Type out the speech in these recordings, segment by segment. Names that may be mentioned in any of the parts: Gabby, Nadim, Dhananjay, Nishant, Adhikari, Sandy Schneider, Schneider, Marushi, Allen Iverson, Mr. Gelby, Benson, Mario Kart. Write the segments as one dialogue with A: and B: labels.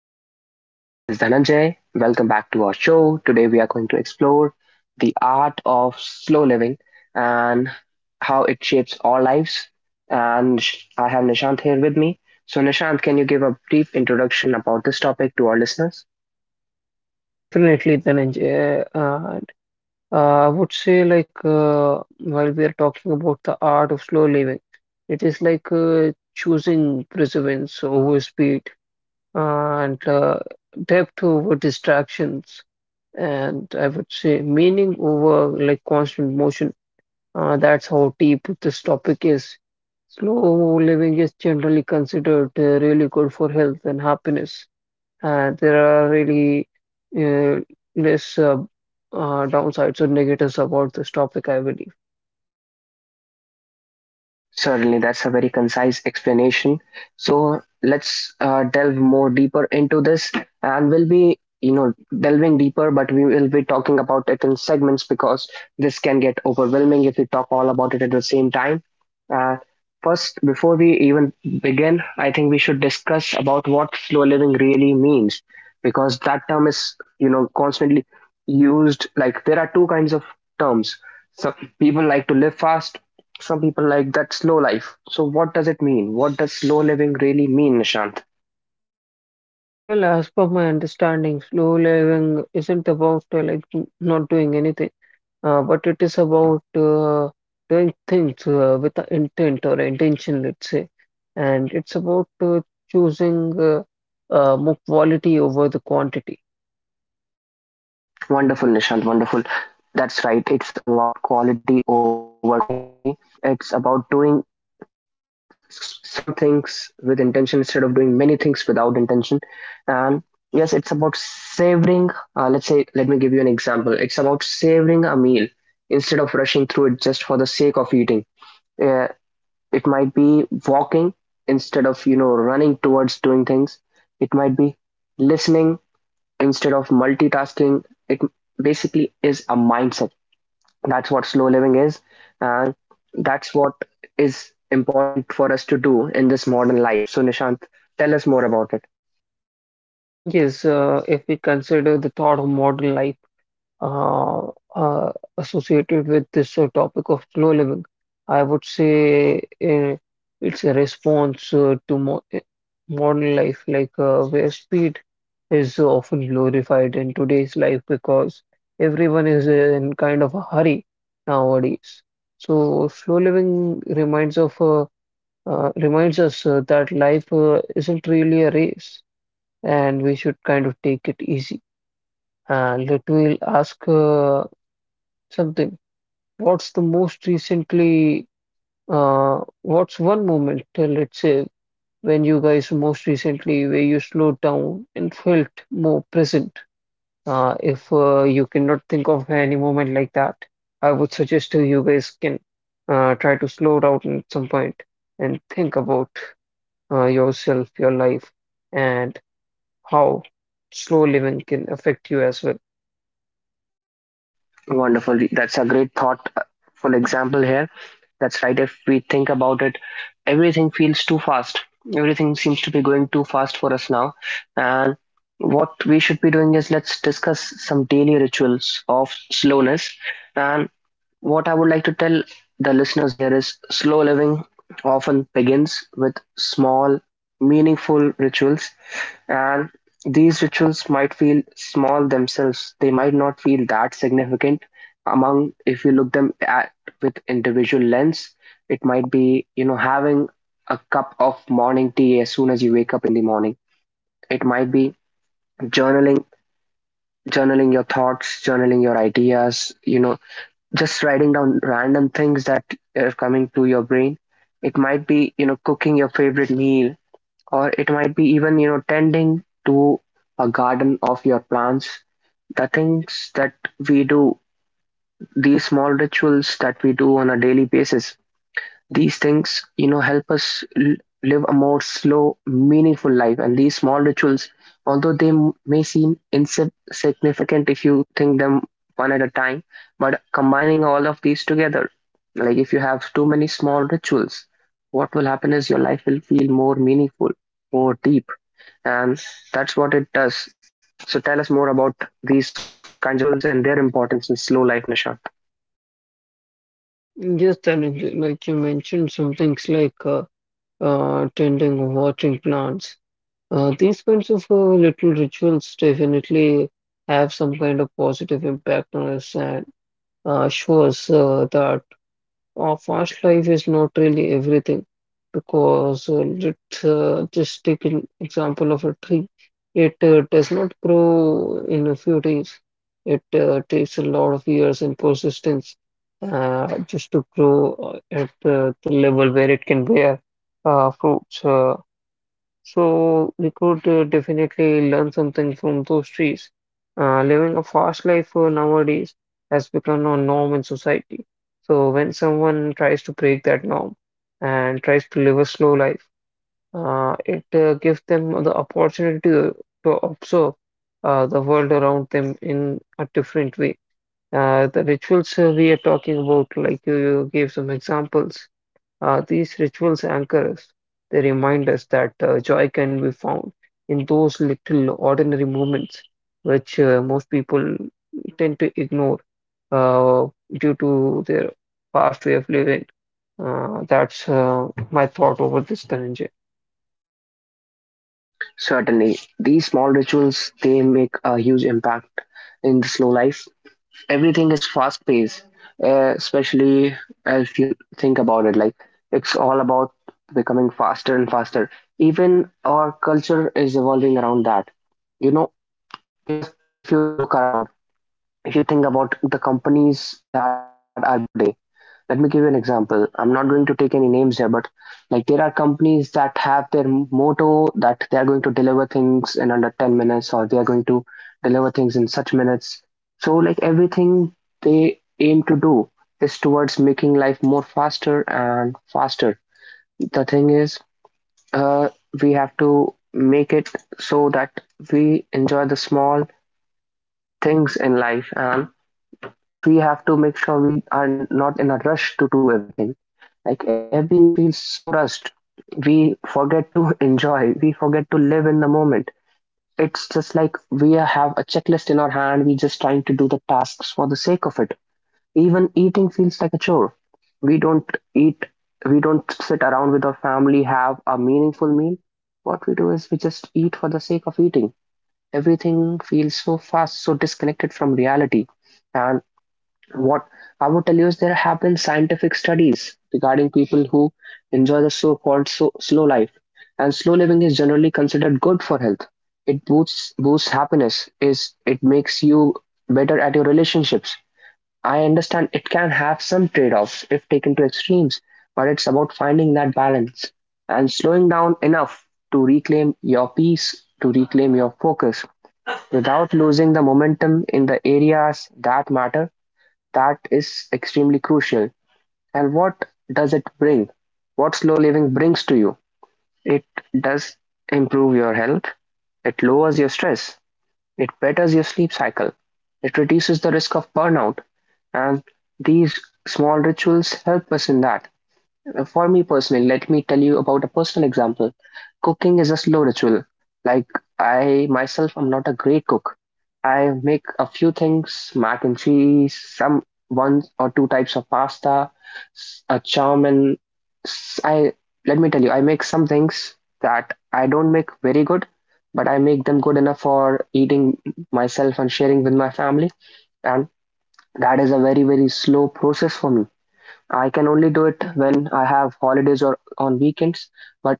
A: guys. This is Dhananjay. Welcome back to our show. Today, we are going to explore the art of slow living and how it shapes our lives. I have Nishant here with me. So, Nishant, can you give a brief introduction about this topic to our listeners?
B: Definitely, Dhananjay. And I would say, like, while we are talking about the art of slow living, it is like choosing preservance over speed and depth over distractions. And I would say meaning over like constant motion. That's how deep this topic is. Slow living is generally considered really good for health and happiness, and there are really uh, less downsides or negatives about this topic, I believe.
A: Certainly, that's a very concise explanation. So let's delve more deeper into this, and we'll be, you know, delving deeper, but we will be talking about it in segments because this can get overwhelming if we talk all about it at the same time. Uh, First, before we even begin, I think we should discuss about what slow living really means, because that term is, you know, constantly used. Like there are two kinds of terms. Some people like to live fast, some people like that slow life. So what does it mean? What does slow living really mean, Nishant?
B: Well, as per my understanding, slow living isn't about like not doing anything, but it is about doing things with a intent or intention, let's say, and it's about choosing more quality over the quantity.
A: Wonderful, Nishant, wonderful. That's right. It's about quality over quantity. It's about doing some things with intention instead of doing many things without intention. And yes, it's about savoring. Let me give you an example. It's about savoring a meal instead of rushing through it just for the sake of eating. Uh, It might be walking instead of, you know, running towards doing things. It might be listening instead of multitasking. It basically is a mindset. That's what slow living is. And that's what is important for us to do in this modern life. So, Nishant, tell us more about it.
B: Yes, if we consider the thought of modern life uh, uh, associated with this topic of slow living. I would say it's a response to modern life, like where speed is often glorified in today's life because everyone is in kind of a hurry nowadays. So slow living reminds us that life isn't really a race, and we should kind of take it easy. Let me ask something. What's the most recently, What's one moment, let's say, when you guys most recently, where you slowed down and felt more present? If you cannot think of any moment like that, I would suggest to you guys can try to slow down at some point and think about yourself, your life, and how slow living can affect you as well.
A: Wonderful. That's a great thoughtful example here. That's right. If we think about it, everything feels too fast. Everything seems to be going too fast for us now. And what we should be doing is let's discuss some daily rituals of slowness. And what I would like to tell the listeners here is slow living often begins with small, meaningful rituals, and these rituals might feel small themselves. They might not feel that significant among if you look them at with individual lens. It might be, you know, having a cup of morning tea as soon as you wake up in the morning. It might be journaling journaling your thoughts, journaling your ideas, you know, just writing down random things that are coming to your brain. It might be, you know, cooking your favorite meal, or it might be even, you know, tending to a garden of your plants. The things that we do, these small rituals that we do on a daily basis, these things, you know, help us live a more slow, meaningful life. And these small rituals, although they may seem insignificant if you think them one at a time, but combining all of these together, like if you have too many small rituals, what will happen is your life will feel more meaningful, more deep, and that's what it does. So tell us more about these kinds of rituals and their importance in slow life, Nisha.
B: Yes, Dhananjay, like you mentioned some things like tending, watering plants. These kinds of little rituals definitely have some kind of positive impact on us, and show us that fast life is not really everything, because let's just take an example of a tree. It does not grow in a few days. It takes a lot of years and persistence just to grow at the level where it can bear fruits. So we could definitely learn something from those trees. Living a fast life nowadays has become a norm in society. So when someone tries to break that norm and tries to live a slow life, it gives them the opportunity to observe the world around them in a different way. The rituals we are talking about, like you gave some examples, these rituals anchor us. They remind us that joy can be found in those little ordinary moments, which most people tend to ignore uh, due to their past way of living. That's my thought over this, Dhananjay.
A: Certainly, these small rituals they make a huge impact in the slow life. Everything is fast paced, especially if you think about it. Like it's all about becoming faster and faster. Even our culture is evolving around that. You know, even if you look around, if you think about the companies that are being developed today, let me give you an example. I'm not going to take any names here, but like there are companies that have their motto that they are going to deliver things in under 10 minutes, or they are going to deliver things in such minutes. So like everything they aim to do is towards making life more faster and faster. The thing is, uh, we have to make it so that we enjoy the small things in life, and we have to make sure we are not in a rush to do everything. Like everything feels so rushed. We forget to enjoy. We forget to live in the moment. It's just like we have a checklist in our hand. We're just trying to do the tasks for the sake of it. Even eating feels like a chore. We don't eat. We don't sit around with our family, have a meaningful meal. What we do is we just eat for the sake of eating. Everything feels so fast, so disconnected from reality. And what I would tell you is there have been scientific studies regarding people who enjoy the so-called slow life, and slow living is generally considered good for health. It boosts happiness. Is it makes you better at your relationships. I understand it can have some trade-offs if taken to extremes, but it's about finding that balance and slowing down enough to reclaim your peace, to reclaim your focus without losing the momentum in the areas that matter. That is extremely crucial. And what does it bring? What slow living brings to you? It does improve your health, it lowers your stress, it betters your sleep cycle, it reduces the risk of burnout, and these small rituals help us in that. For me personally, let me tell you about a personal example. Cooking is a slow ritual. Like I myself, I'm not a great cook. I make a few things, mac and cheese, some one or two types of pasta, s- a and I let me tell you, I make some things that I don't make very good, but I make them good enough for eating myself and sharing with my family. And that is a very, very slow process for me. I can only do it when I have holidays or on weekends, but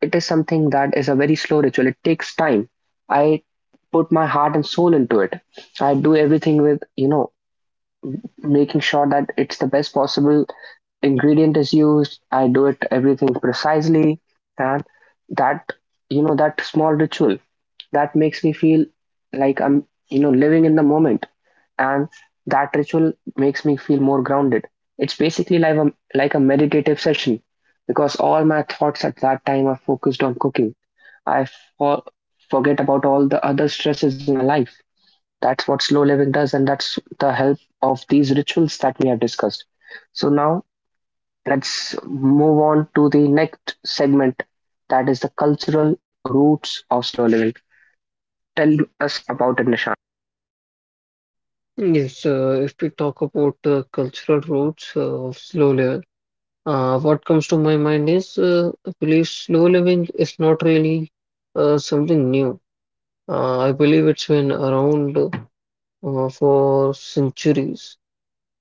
A: it is something that is a very slow ritual. It takes time. I put my heart and soul into it. I do everything with, you know, making sure that it's the best possible ingredient is used. I do it everything precisely, and that, you know, that small ritual, that makes me feel like I'm, you know, living in the moment, and that ritual makes me feel more grounded. It's basically like a meditative session because all my thoughts at that time are focused on cooking. I for, forget about all the other stresses in my life. That's what slow living does, and that's the help of these rituals that we have discussed. So now let's move on to the next segment, that is the cultural roots of slow living. Tell us about it, Nishan.
B: Yes, if we talk about cultural roots of slow living, what comes to my mind is I believe slow living is not really something new. I believe it's been around for centuries,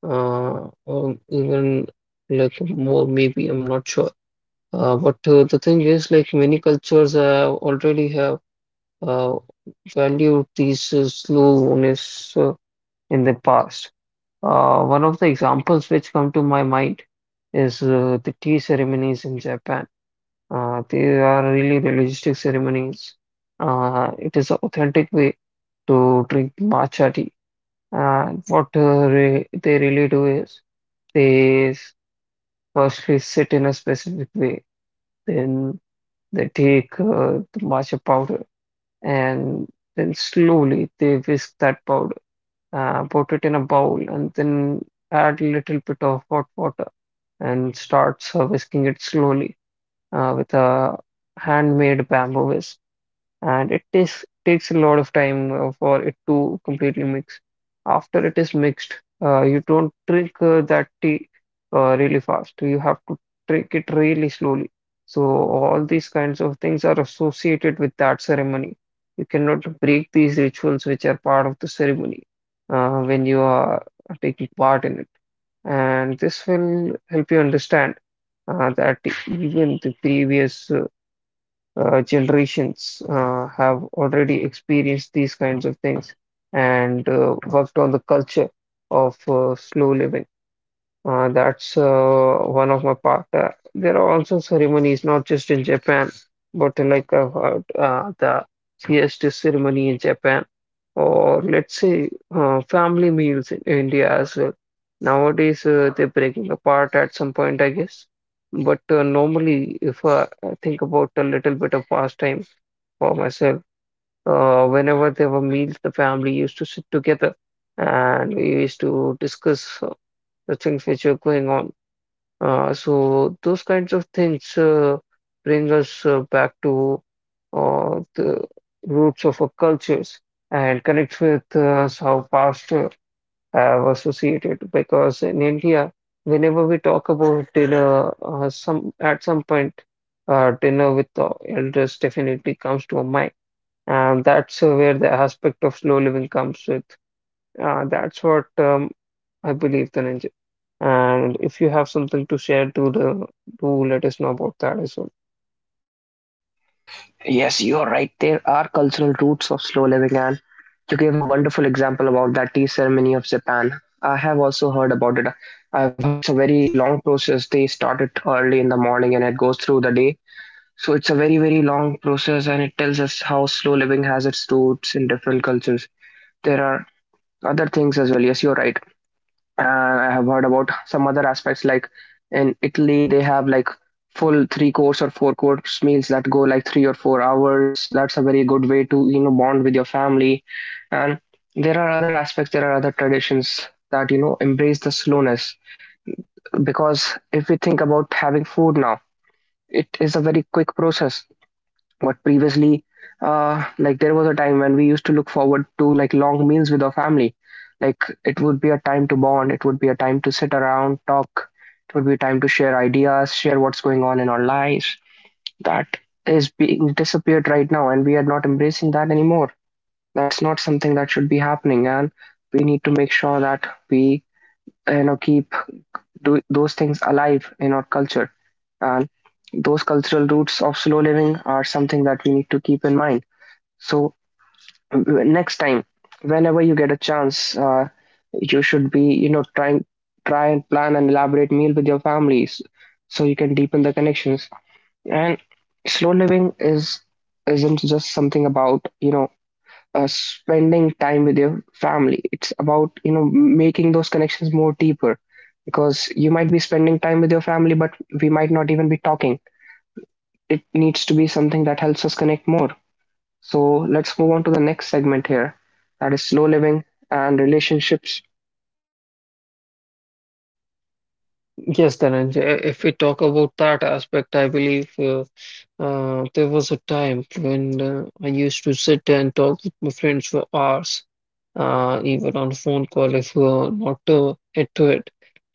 B: or even like more, maybe, I'm not sure. But the thing is, like many cultures have already have uh, valued these slowness in the past. One of the examples which come to my mind is the tea ceremonies in Japan. They are really realistic ceremonies. It is an authentic way to drink matcha tea. And what re they really do is they firstly sit in a specific way, then they take the matcha powder, and then slowly they whisk that powder, put it in a bowl, and then add a little bit of hot water and start whisking it slowly with a handmade bamboo whisk. And it takes a lot of time for it to completely mix. After it is mixed, you don't drink that tea really fast. You have to drink it really slowly. So all these kinds of things are associated with that ceremony. You cannot break these rituals which are part of the ceremony when you are taking part in it. And this will help you understand that even the previous generations have already experienced these kinds of things, and worked on the culture of slow living. That's one of my part. There are also ceremonies, not just in Japan, but like I've heard the CST ceremony in Japan, or let's say family meals in India as well. Nowadays, they're breaking apart at some point, I guess. But normally, if I think about a little bit of past time for myself, whenever there were meals, the family used to sit together and we used to discuss the things which are going on. So those kinds of things bring us back to the roots of our cultures, and connect with how past have associated. Because in India, whenever we talk about dinner, some at some point, dinner with the elders definitely comes to our mind. And that's where the aspect of slow living comes with. That's what, I believe, Dhananjay. And if you have something to share, to the do let us know about that as well.
A: Yes, you are right. There are cultural roots of slow living, and you gave a wonderful example about that tea ceremony of Japan. I have also heard about it. I've heard it's a very long process. They start it early in the morning and it goes through the day. So it's a very, very long process and it tells us how slow living has its roots in different cultures. There are other things as well. Yes, you're right. I have heard about some other aspects like in Italy, they have like full three course or four course meals that go like 3 or 4 hours. That's a very good way to, you know, bond with your family. And there are other aspects, there are other traditions that, you know, embrace the slowness. Because if we think about having food now, it is a very quick process, but previously, like there was a time when we used to look forward to like long meals with our family. Like it would be a time to bond, it would be a time to sit around, talk, it would be a time to share ideas, share what's going on in our lives. That is being disappeared right now, and we are not embracing that anymore. That's not something that should be happening, and we need to make sure that we, you know, keep those things alive in our culture. And those cultural roots of slow living are something that we need to keep in mind. So w- next time, whenever you get a chance, you should be, you know, try and plan an elaborate meal with your families so you can deepen the connections. And slow living is isn't just something about, you know, spending time with your family. It's about, you know, making those connections more deeper because you might be spending time with your family, but we might not even be talking. It needs to be something that helps us connect more. So let's move on to the next segment here, that is slow living and relationships.
B: Yes, Dhananjay, if we talk about that aspect, I believe there was a time when I used to sit and talk with my friends for hours, even on phone call if we are not into it.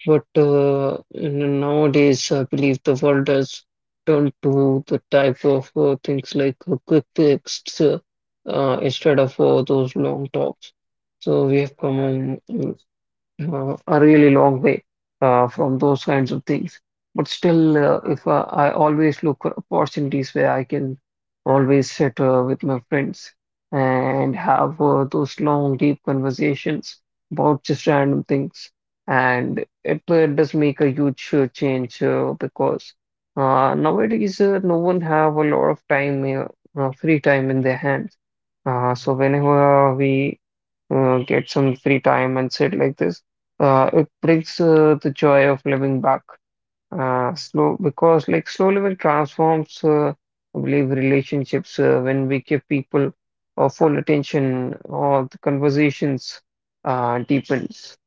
B: But nowadays, I believe the world has turned to the type of things like quick texts instead of those long talks. So we have come on a really long way from those kinds of things. But still, if I always look for opportunities where I can always sit with my friends and have those long, deep conversations about just random things, and it does make a huge change, because nowadays, no one have a lot of time, free time in their hands. So whenever we get some free time and sit like this, it brings the joy of living back slow, because like slow living transforms, I believe, relationships when we give people full attention or the conversations deepens.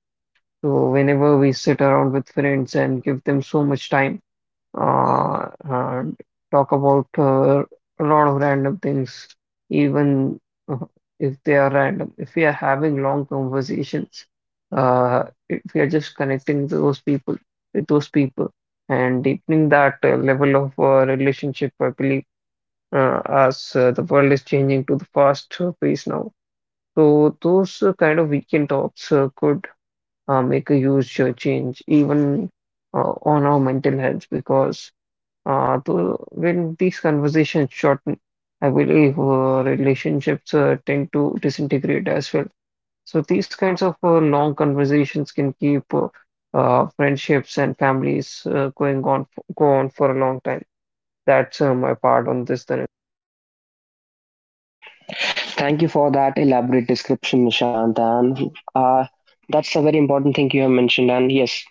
B: So whenever we sit around with friends and give them so much time, uh, uh, talk about a lot of random things, even uh, if they are random. If we are having long conversations, uh, if we are just connecting to those people with those people and deepening that level of relationship, I believe, as the world is changing to the fast pace now. So those kind of weekend talks could make a huge change, even on our mental health, because though when these conversations shorten, I believe relationships tend to disintegrate as well. So these kinds of long conversations can keep friendships and families going on go on for a long time. That's my part on this, Then.
A: Thank you for that elaborate description, Nishant. And that's a very important thing you have mentioned. And yes,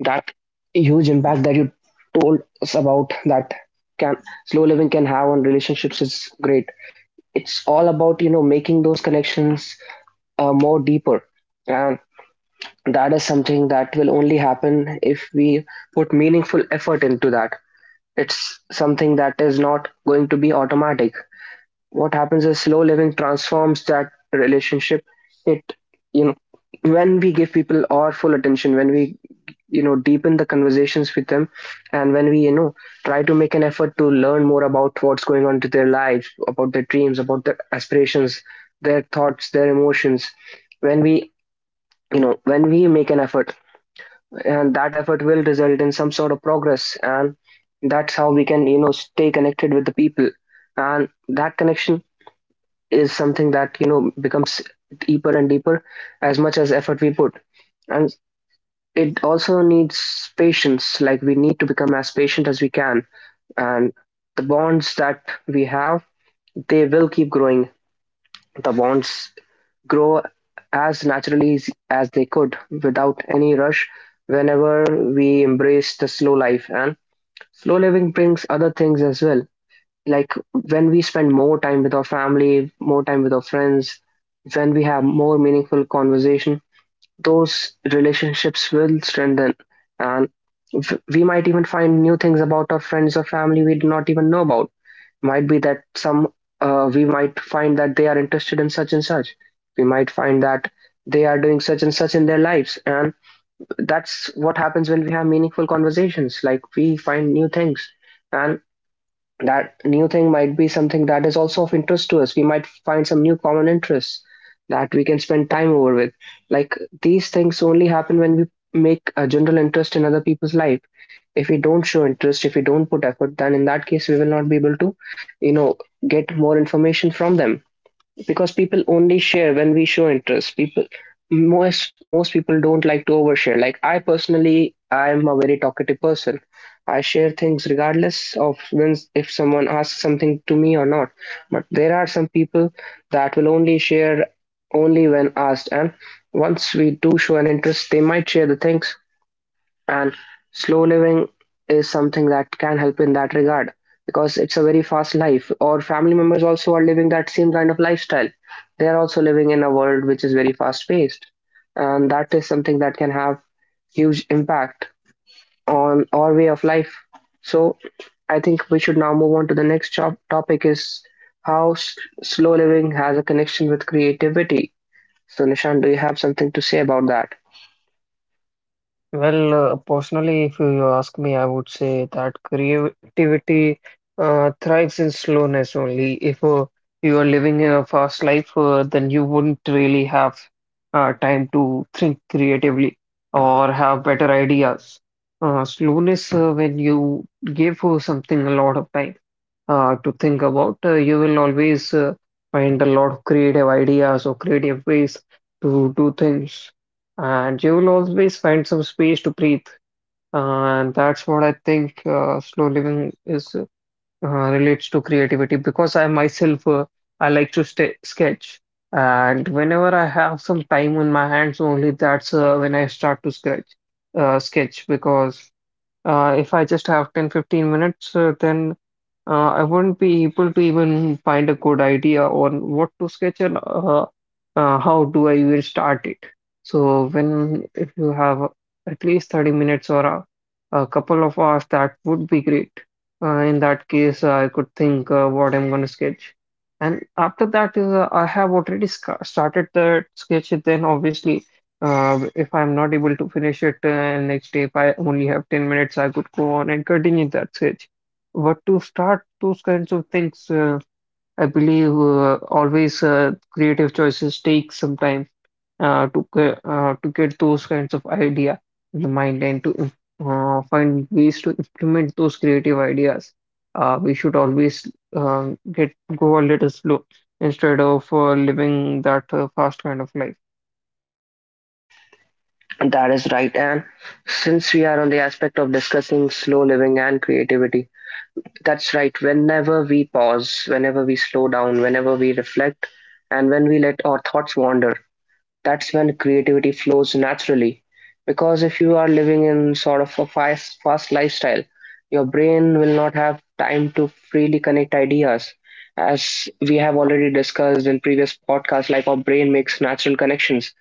A: that huge impact that you told us about that can slow living can have on relationships is great. It's all about, you know, making those connections more deeper, and that is something that will only happen if we put meaningful effort into that. It's something that is not going to be automatic. What happens is slow living transforms that relationship. It, you know, when we give people our full attention, when we, deepen the conversations with them, and when we, try to make an effort to learn more about what's going on to their lives, about their dreams, about their aspirations, their thoughts, their emotions, when we, when we make an effort and that effort will result in some sort of progress and that's how we can stay connected with the people and that connection is something that becomes deeper and deeper as much as effort we put and it also needs patience, like we need to become as patient as we can and the bonds that we have, they will keep growing. The bonds grow as naturally as they could, without any rush, whenever we embrace the slow life. And slow living brings other things as well. Like when we spend more time with our family, more time with our friends, when we have more meaningful conversation, those relationships will strengthen. And we might even find new things about our friends or family we did not even know about. Might be that some we might find that they are interested in such and such, we might find that they are doing such and such in their lives, and that's what happens when we have meaningful conversations, like we find new things and that new thing might be something that is also of interest to us. We might find some new common interests that we can spend time over with. Like these things only happen when we make a general interest in other people's life. If we don't show interest, if we don't put effort, then in that case we will not be able to, you know, get more information from them because people only share when we show interest. People most people don't like to overshare. Like I personally, I'm a very talkative person. I share things regardless of when if someone asks something to me or not, but there are some people that will only share only when asked, and once we do show an interest they might share the things. And slow living is something that can help in that regard because it's a very fast life or family members also are living that same kind of lifestyle. They are also living in a world which is very fast paced and that is something that can have huge impact on our way of life. So I think we should now move on to the next topic is how slow living has a connection with creativity. So Nishan, do you have something to say about that?
B: Well, personally, if you ask me, I would say that creativity thrives in slowness only. If you are living a fast life, then you wouldn't really have time to think creatively or have better ideas. Slowness, when you give something a lot of time to think about. You will always find a lot of creative ideas or creative ways to do things, and you will always find some space to breathe. And that's what I think slow living is relates to creativity, because I myself, I like to stay, sketch, and whenever I have some time on my hands, only that's when I start to sketch. Sketch because if I just have 10, 15 minutes, then I wouldn't be able to even find a good idea on what to sketch, and how do I even start it. So, when if you have at least 30 minutes or a couple of hours, that would be great. In that case, I could think what I'm going to sketch. And after that, is, I have already sc started the sketch, then obviously. If I'm not able to finish it next day, if I only have 10 minutes, I could go on and continue that search. But to start those kinds of things, I believe always creative choices take some time to get those kinds of idea in the mind, and find ways to implement those creative ideas. We should always get go a little slow instead of living that fast kind of life.
A: That is right. And since we are on the aspect of discussing slow living and creativity, that's right. Whenever we pause, whenever we slow down, whenever we reflect, and when we let our thoughts wander, that's when creativity flows naturally. Because if you are living in sort of a fast, fast lifestyle, your brain will not have time to freely connect ideas. As we have already discussed in previous podcasts, like our brain makes natural connections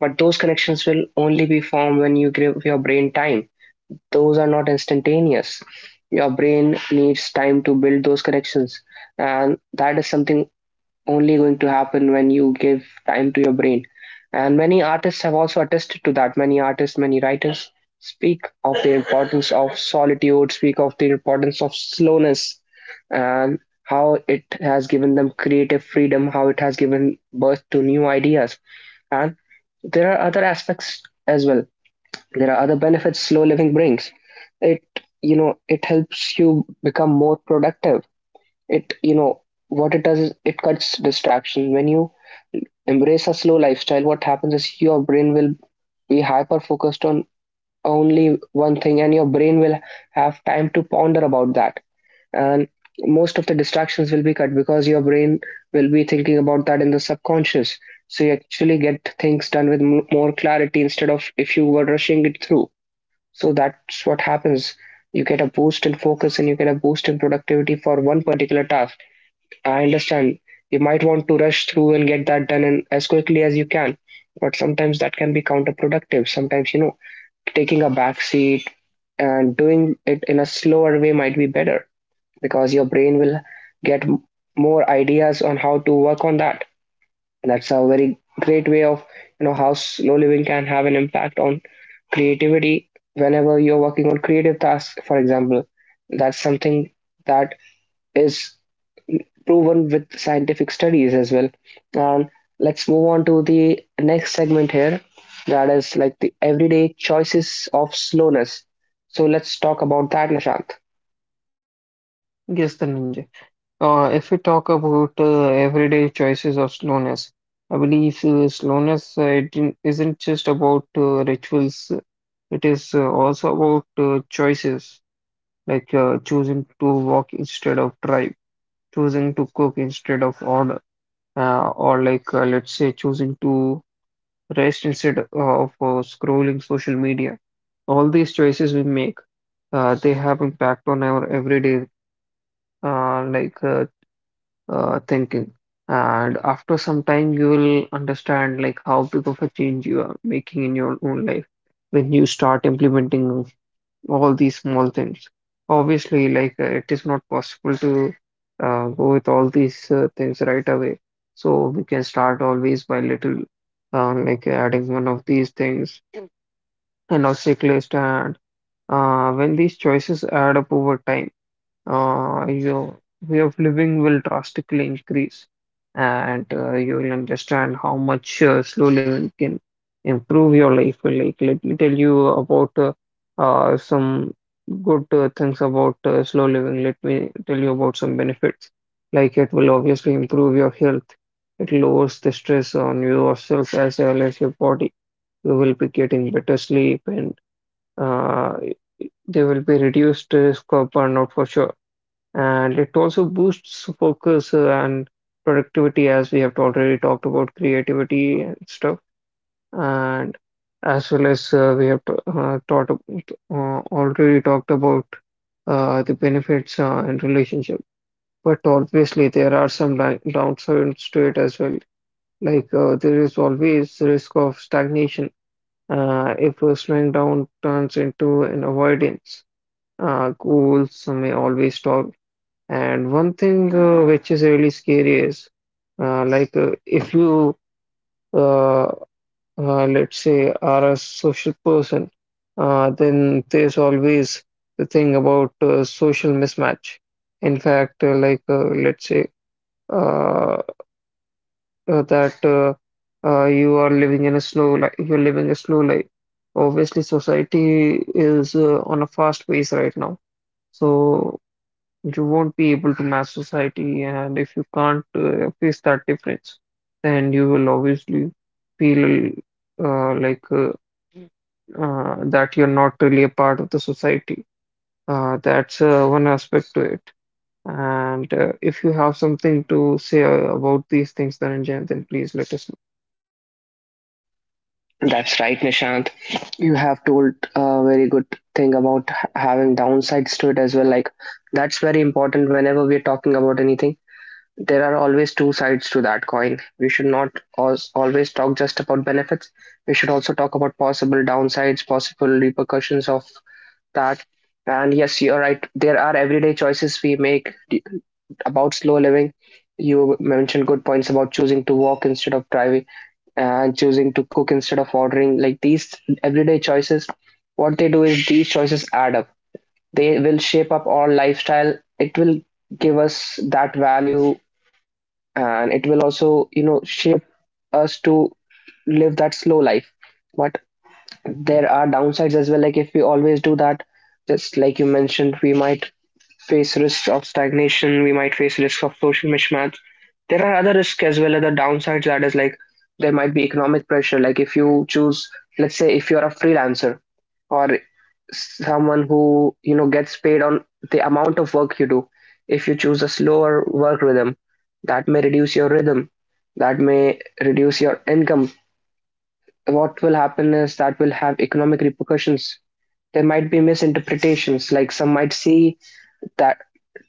A: but those connections will only be formed when you give your brain time. Those are not instantaneous. Your brain needs time to build those connections. And that is something only going to happen when you give time to your brain. And many artists have also attested to that. Many artists, many writers speak of the importance of solitude, speak of the importance of slowness, and how it has given them creative freedom, how it has given birth to new ideas. And there are other aspects as well. There are other benefits slow living brings. It, it helps you become more productive. It, what it does is it cuts distraction. When you embrace a slow lifestyle, what happens is your brain will be hyper focused on only one thing and your brain will have time to ponder about that, and most of the distractions will be cut because your brain will be thinking about that in the subconscious. So you actually get things done with more clarity instead of if you were rushing it through. So that's what happens. You get a boost in focus and you get a boost in productivity for one particular task. I understand you might want to rush through and get that done in as quickly as you can, but sometimes that can be counterproductive. Sometimes, taking a back seat and doing it in a slower way might be better because your brain will get more ideas on how to work on that. That's a very great way of, how slow living can have an impact on creativity whenever you're working on creative tasks, for example. That's something that is proven with scientific studies as well. And let's move on to the next segment here, that is like the everyday choices of slowness. So let's talk about that, Nishant.
B: Yes, the ninja. If we talk about everyday choices of slowness, I believe isn't just about rituals. It is also about choices, like choosing to walk instead of drive, choosing to cook instead of order, or like let's say choosing to rest instead of scrolling social media. All these choices we make, they have impact on our everyday uh, like uh, thinking. And after some time, you will understand like how big of a change you are making in your own life when you start implementing all these small things. Obviously, it is not possible to go with all these things right away. So we can start always by little, like adding one of these things and a checklist. And when these choices add up over time, your way of living will drastically increase, and you will understand how much slow living can improve your life. Like, let me tell you about some good things about slow living. Let me tell you about some benefits. Like, it will obviously improve your health. It lowers the stress on yourself as well as your body. You will be getting better sleep, and uh, there will be reduced risk of burnout for sure. And it also boosts focus and productivity, as we have already talked about creativity and stuff, and as well as we have t- taught ab- already talked about the benefits in relationship. But obviously there are some downsides to it as well. There is always risk of stagnation if slowing down turns into an avoidance. Goals may always stop. And one thing which is really scary is if you uh, let's say are a social person, then there's always the thing about social mismatch. In fact, let's say uh, that you're living a slow life. Obviously, society is on a fast pace right now. So you won't be able to match society, and if you can't face that difference, then you will obviously feel uh, like uh, that you're not really a part of the society. That's one aspect to it. And if you have something to say about these things, Dhananjay, then please let us know.
A: That's right, Nishant. You have told a very good thing about having downsides to it as well. Like, that's very important whenever we're talking about anything. There are always two sides to that coin. We should not always talk just about benefits. We should also talk about possible downsides, possible repercussions of that. And yes, you're right. There are everyday choices we make about slow living. You mentioned good points about choosing to walk instead of driving and choosing to cook instead of ordering. Like these everyday choices, what they do is these choices add up. They will shape up our lifestyle, it will give us that value, and it will also, shape us to live that slow life. But there are downsides as well. Like if we always do that, just like you mentioned, we might face risks of stagnation, we might face risk of social mismatch. There are other risks as well, other downsides, that is like there might be economic pressure. Like if you choose, let's say if you're a freelancer or someone who, gets paid on the amount of work you do, if you choose a slower work rhythm, that may reduce your rhythm, that may reduce your income. What will happen is that will have economic repercussions. There might be misinterpretations, like some might see that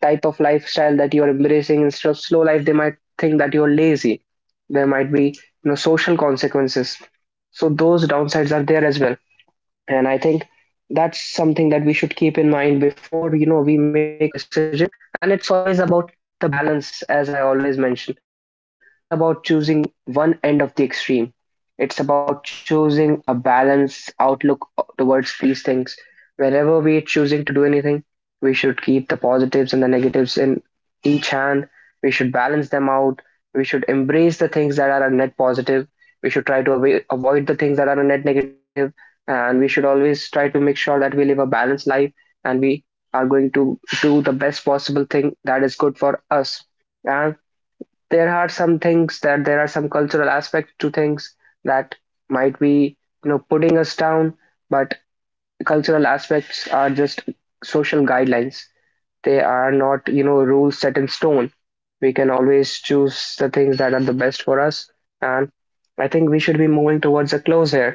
A: type of lifestyle that you're embracing instead of slow life, they might think that you're lazy. There might be, social consequences. So those downsides are there as well, and I think that's something that we should keep in mind before, we make a decision. And it's always about the balance, as I always mention. It's not about choosing one end of the extreme, it's about choosing a balanced outlook towards these things. Whenever we're choosing to do anything, we should keep the positives and the negatives in each hand. We should balance them out. We should embrace the things that are a net positive. We should try to avoid the things that are a net negative, and we should always try to make sure that we live a balanced life and we are going to do the best possible thing that is good for us. And there are some things that there are some cultural aspects to things that might be, putting us down. But cultural aspects are just social guidelines, they are not, rules set in stone. We can always choose the things that are the best for us. And I think we should be moving towards a close here.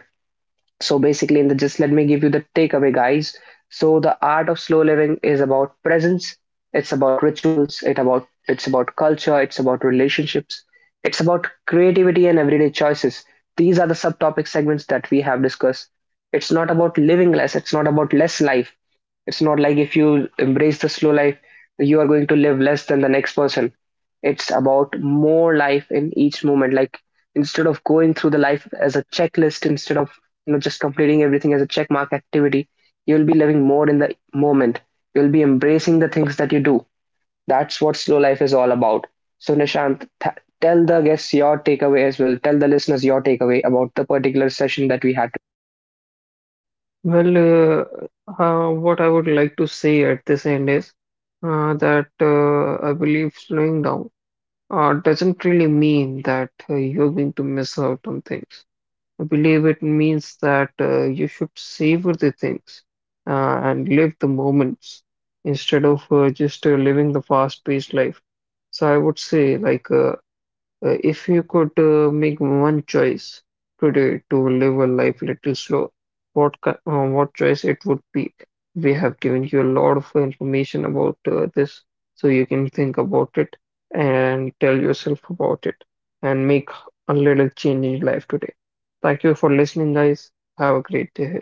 A: So basically, in the just let me give you the takeaway, guys. So the art of slow living is about presence. It's about rituals. It about it's about culture. It's about relationships. It's about creativity and everyday choices. These are the subtopic segments that we have discussed. It's not about living less. It's not about less life. It's not like if you embrace the slow life, you are going to live less than the next person. It's about more life in each moment. Like instead of going through the life as a checklist, instead of, just completing everything as a check mark activity, you'll be living more in the moment, you'll be embracing the things that you do. That's what slow life is all about. So Nishant, tell the guests your takeaway as well. Tell the listeners your takeaway about the particular session that we had.
B: Well, what I would like to say at this end is that I believe slowing down doesn't really mean that you're going to miss out on things. I believe it means that you should savor the things and live the moments instead of just living the fast-paced life. So I would say, if you could make one choice today to live a life little slow, what what choice it would be? We have given you a lot of information about this, so you can think about it and tell yourself about it and make a little change in life today. Thank you for listening, guys. Have a great day.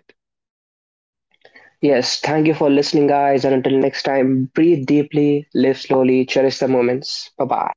A: Yes, thank you for listening, guys, and until next time, breathe deeply, live slowly, cherish the moments. Bye bye.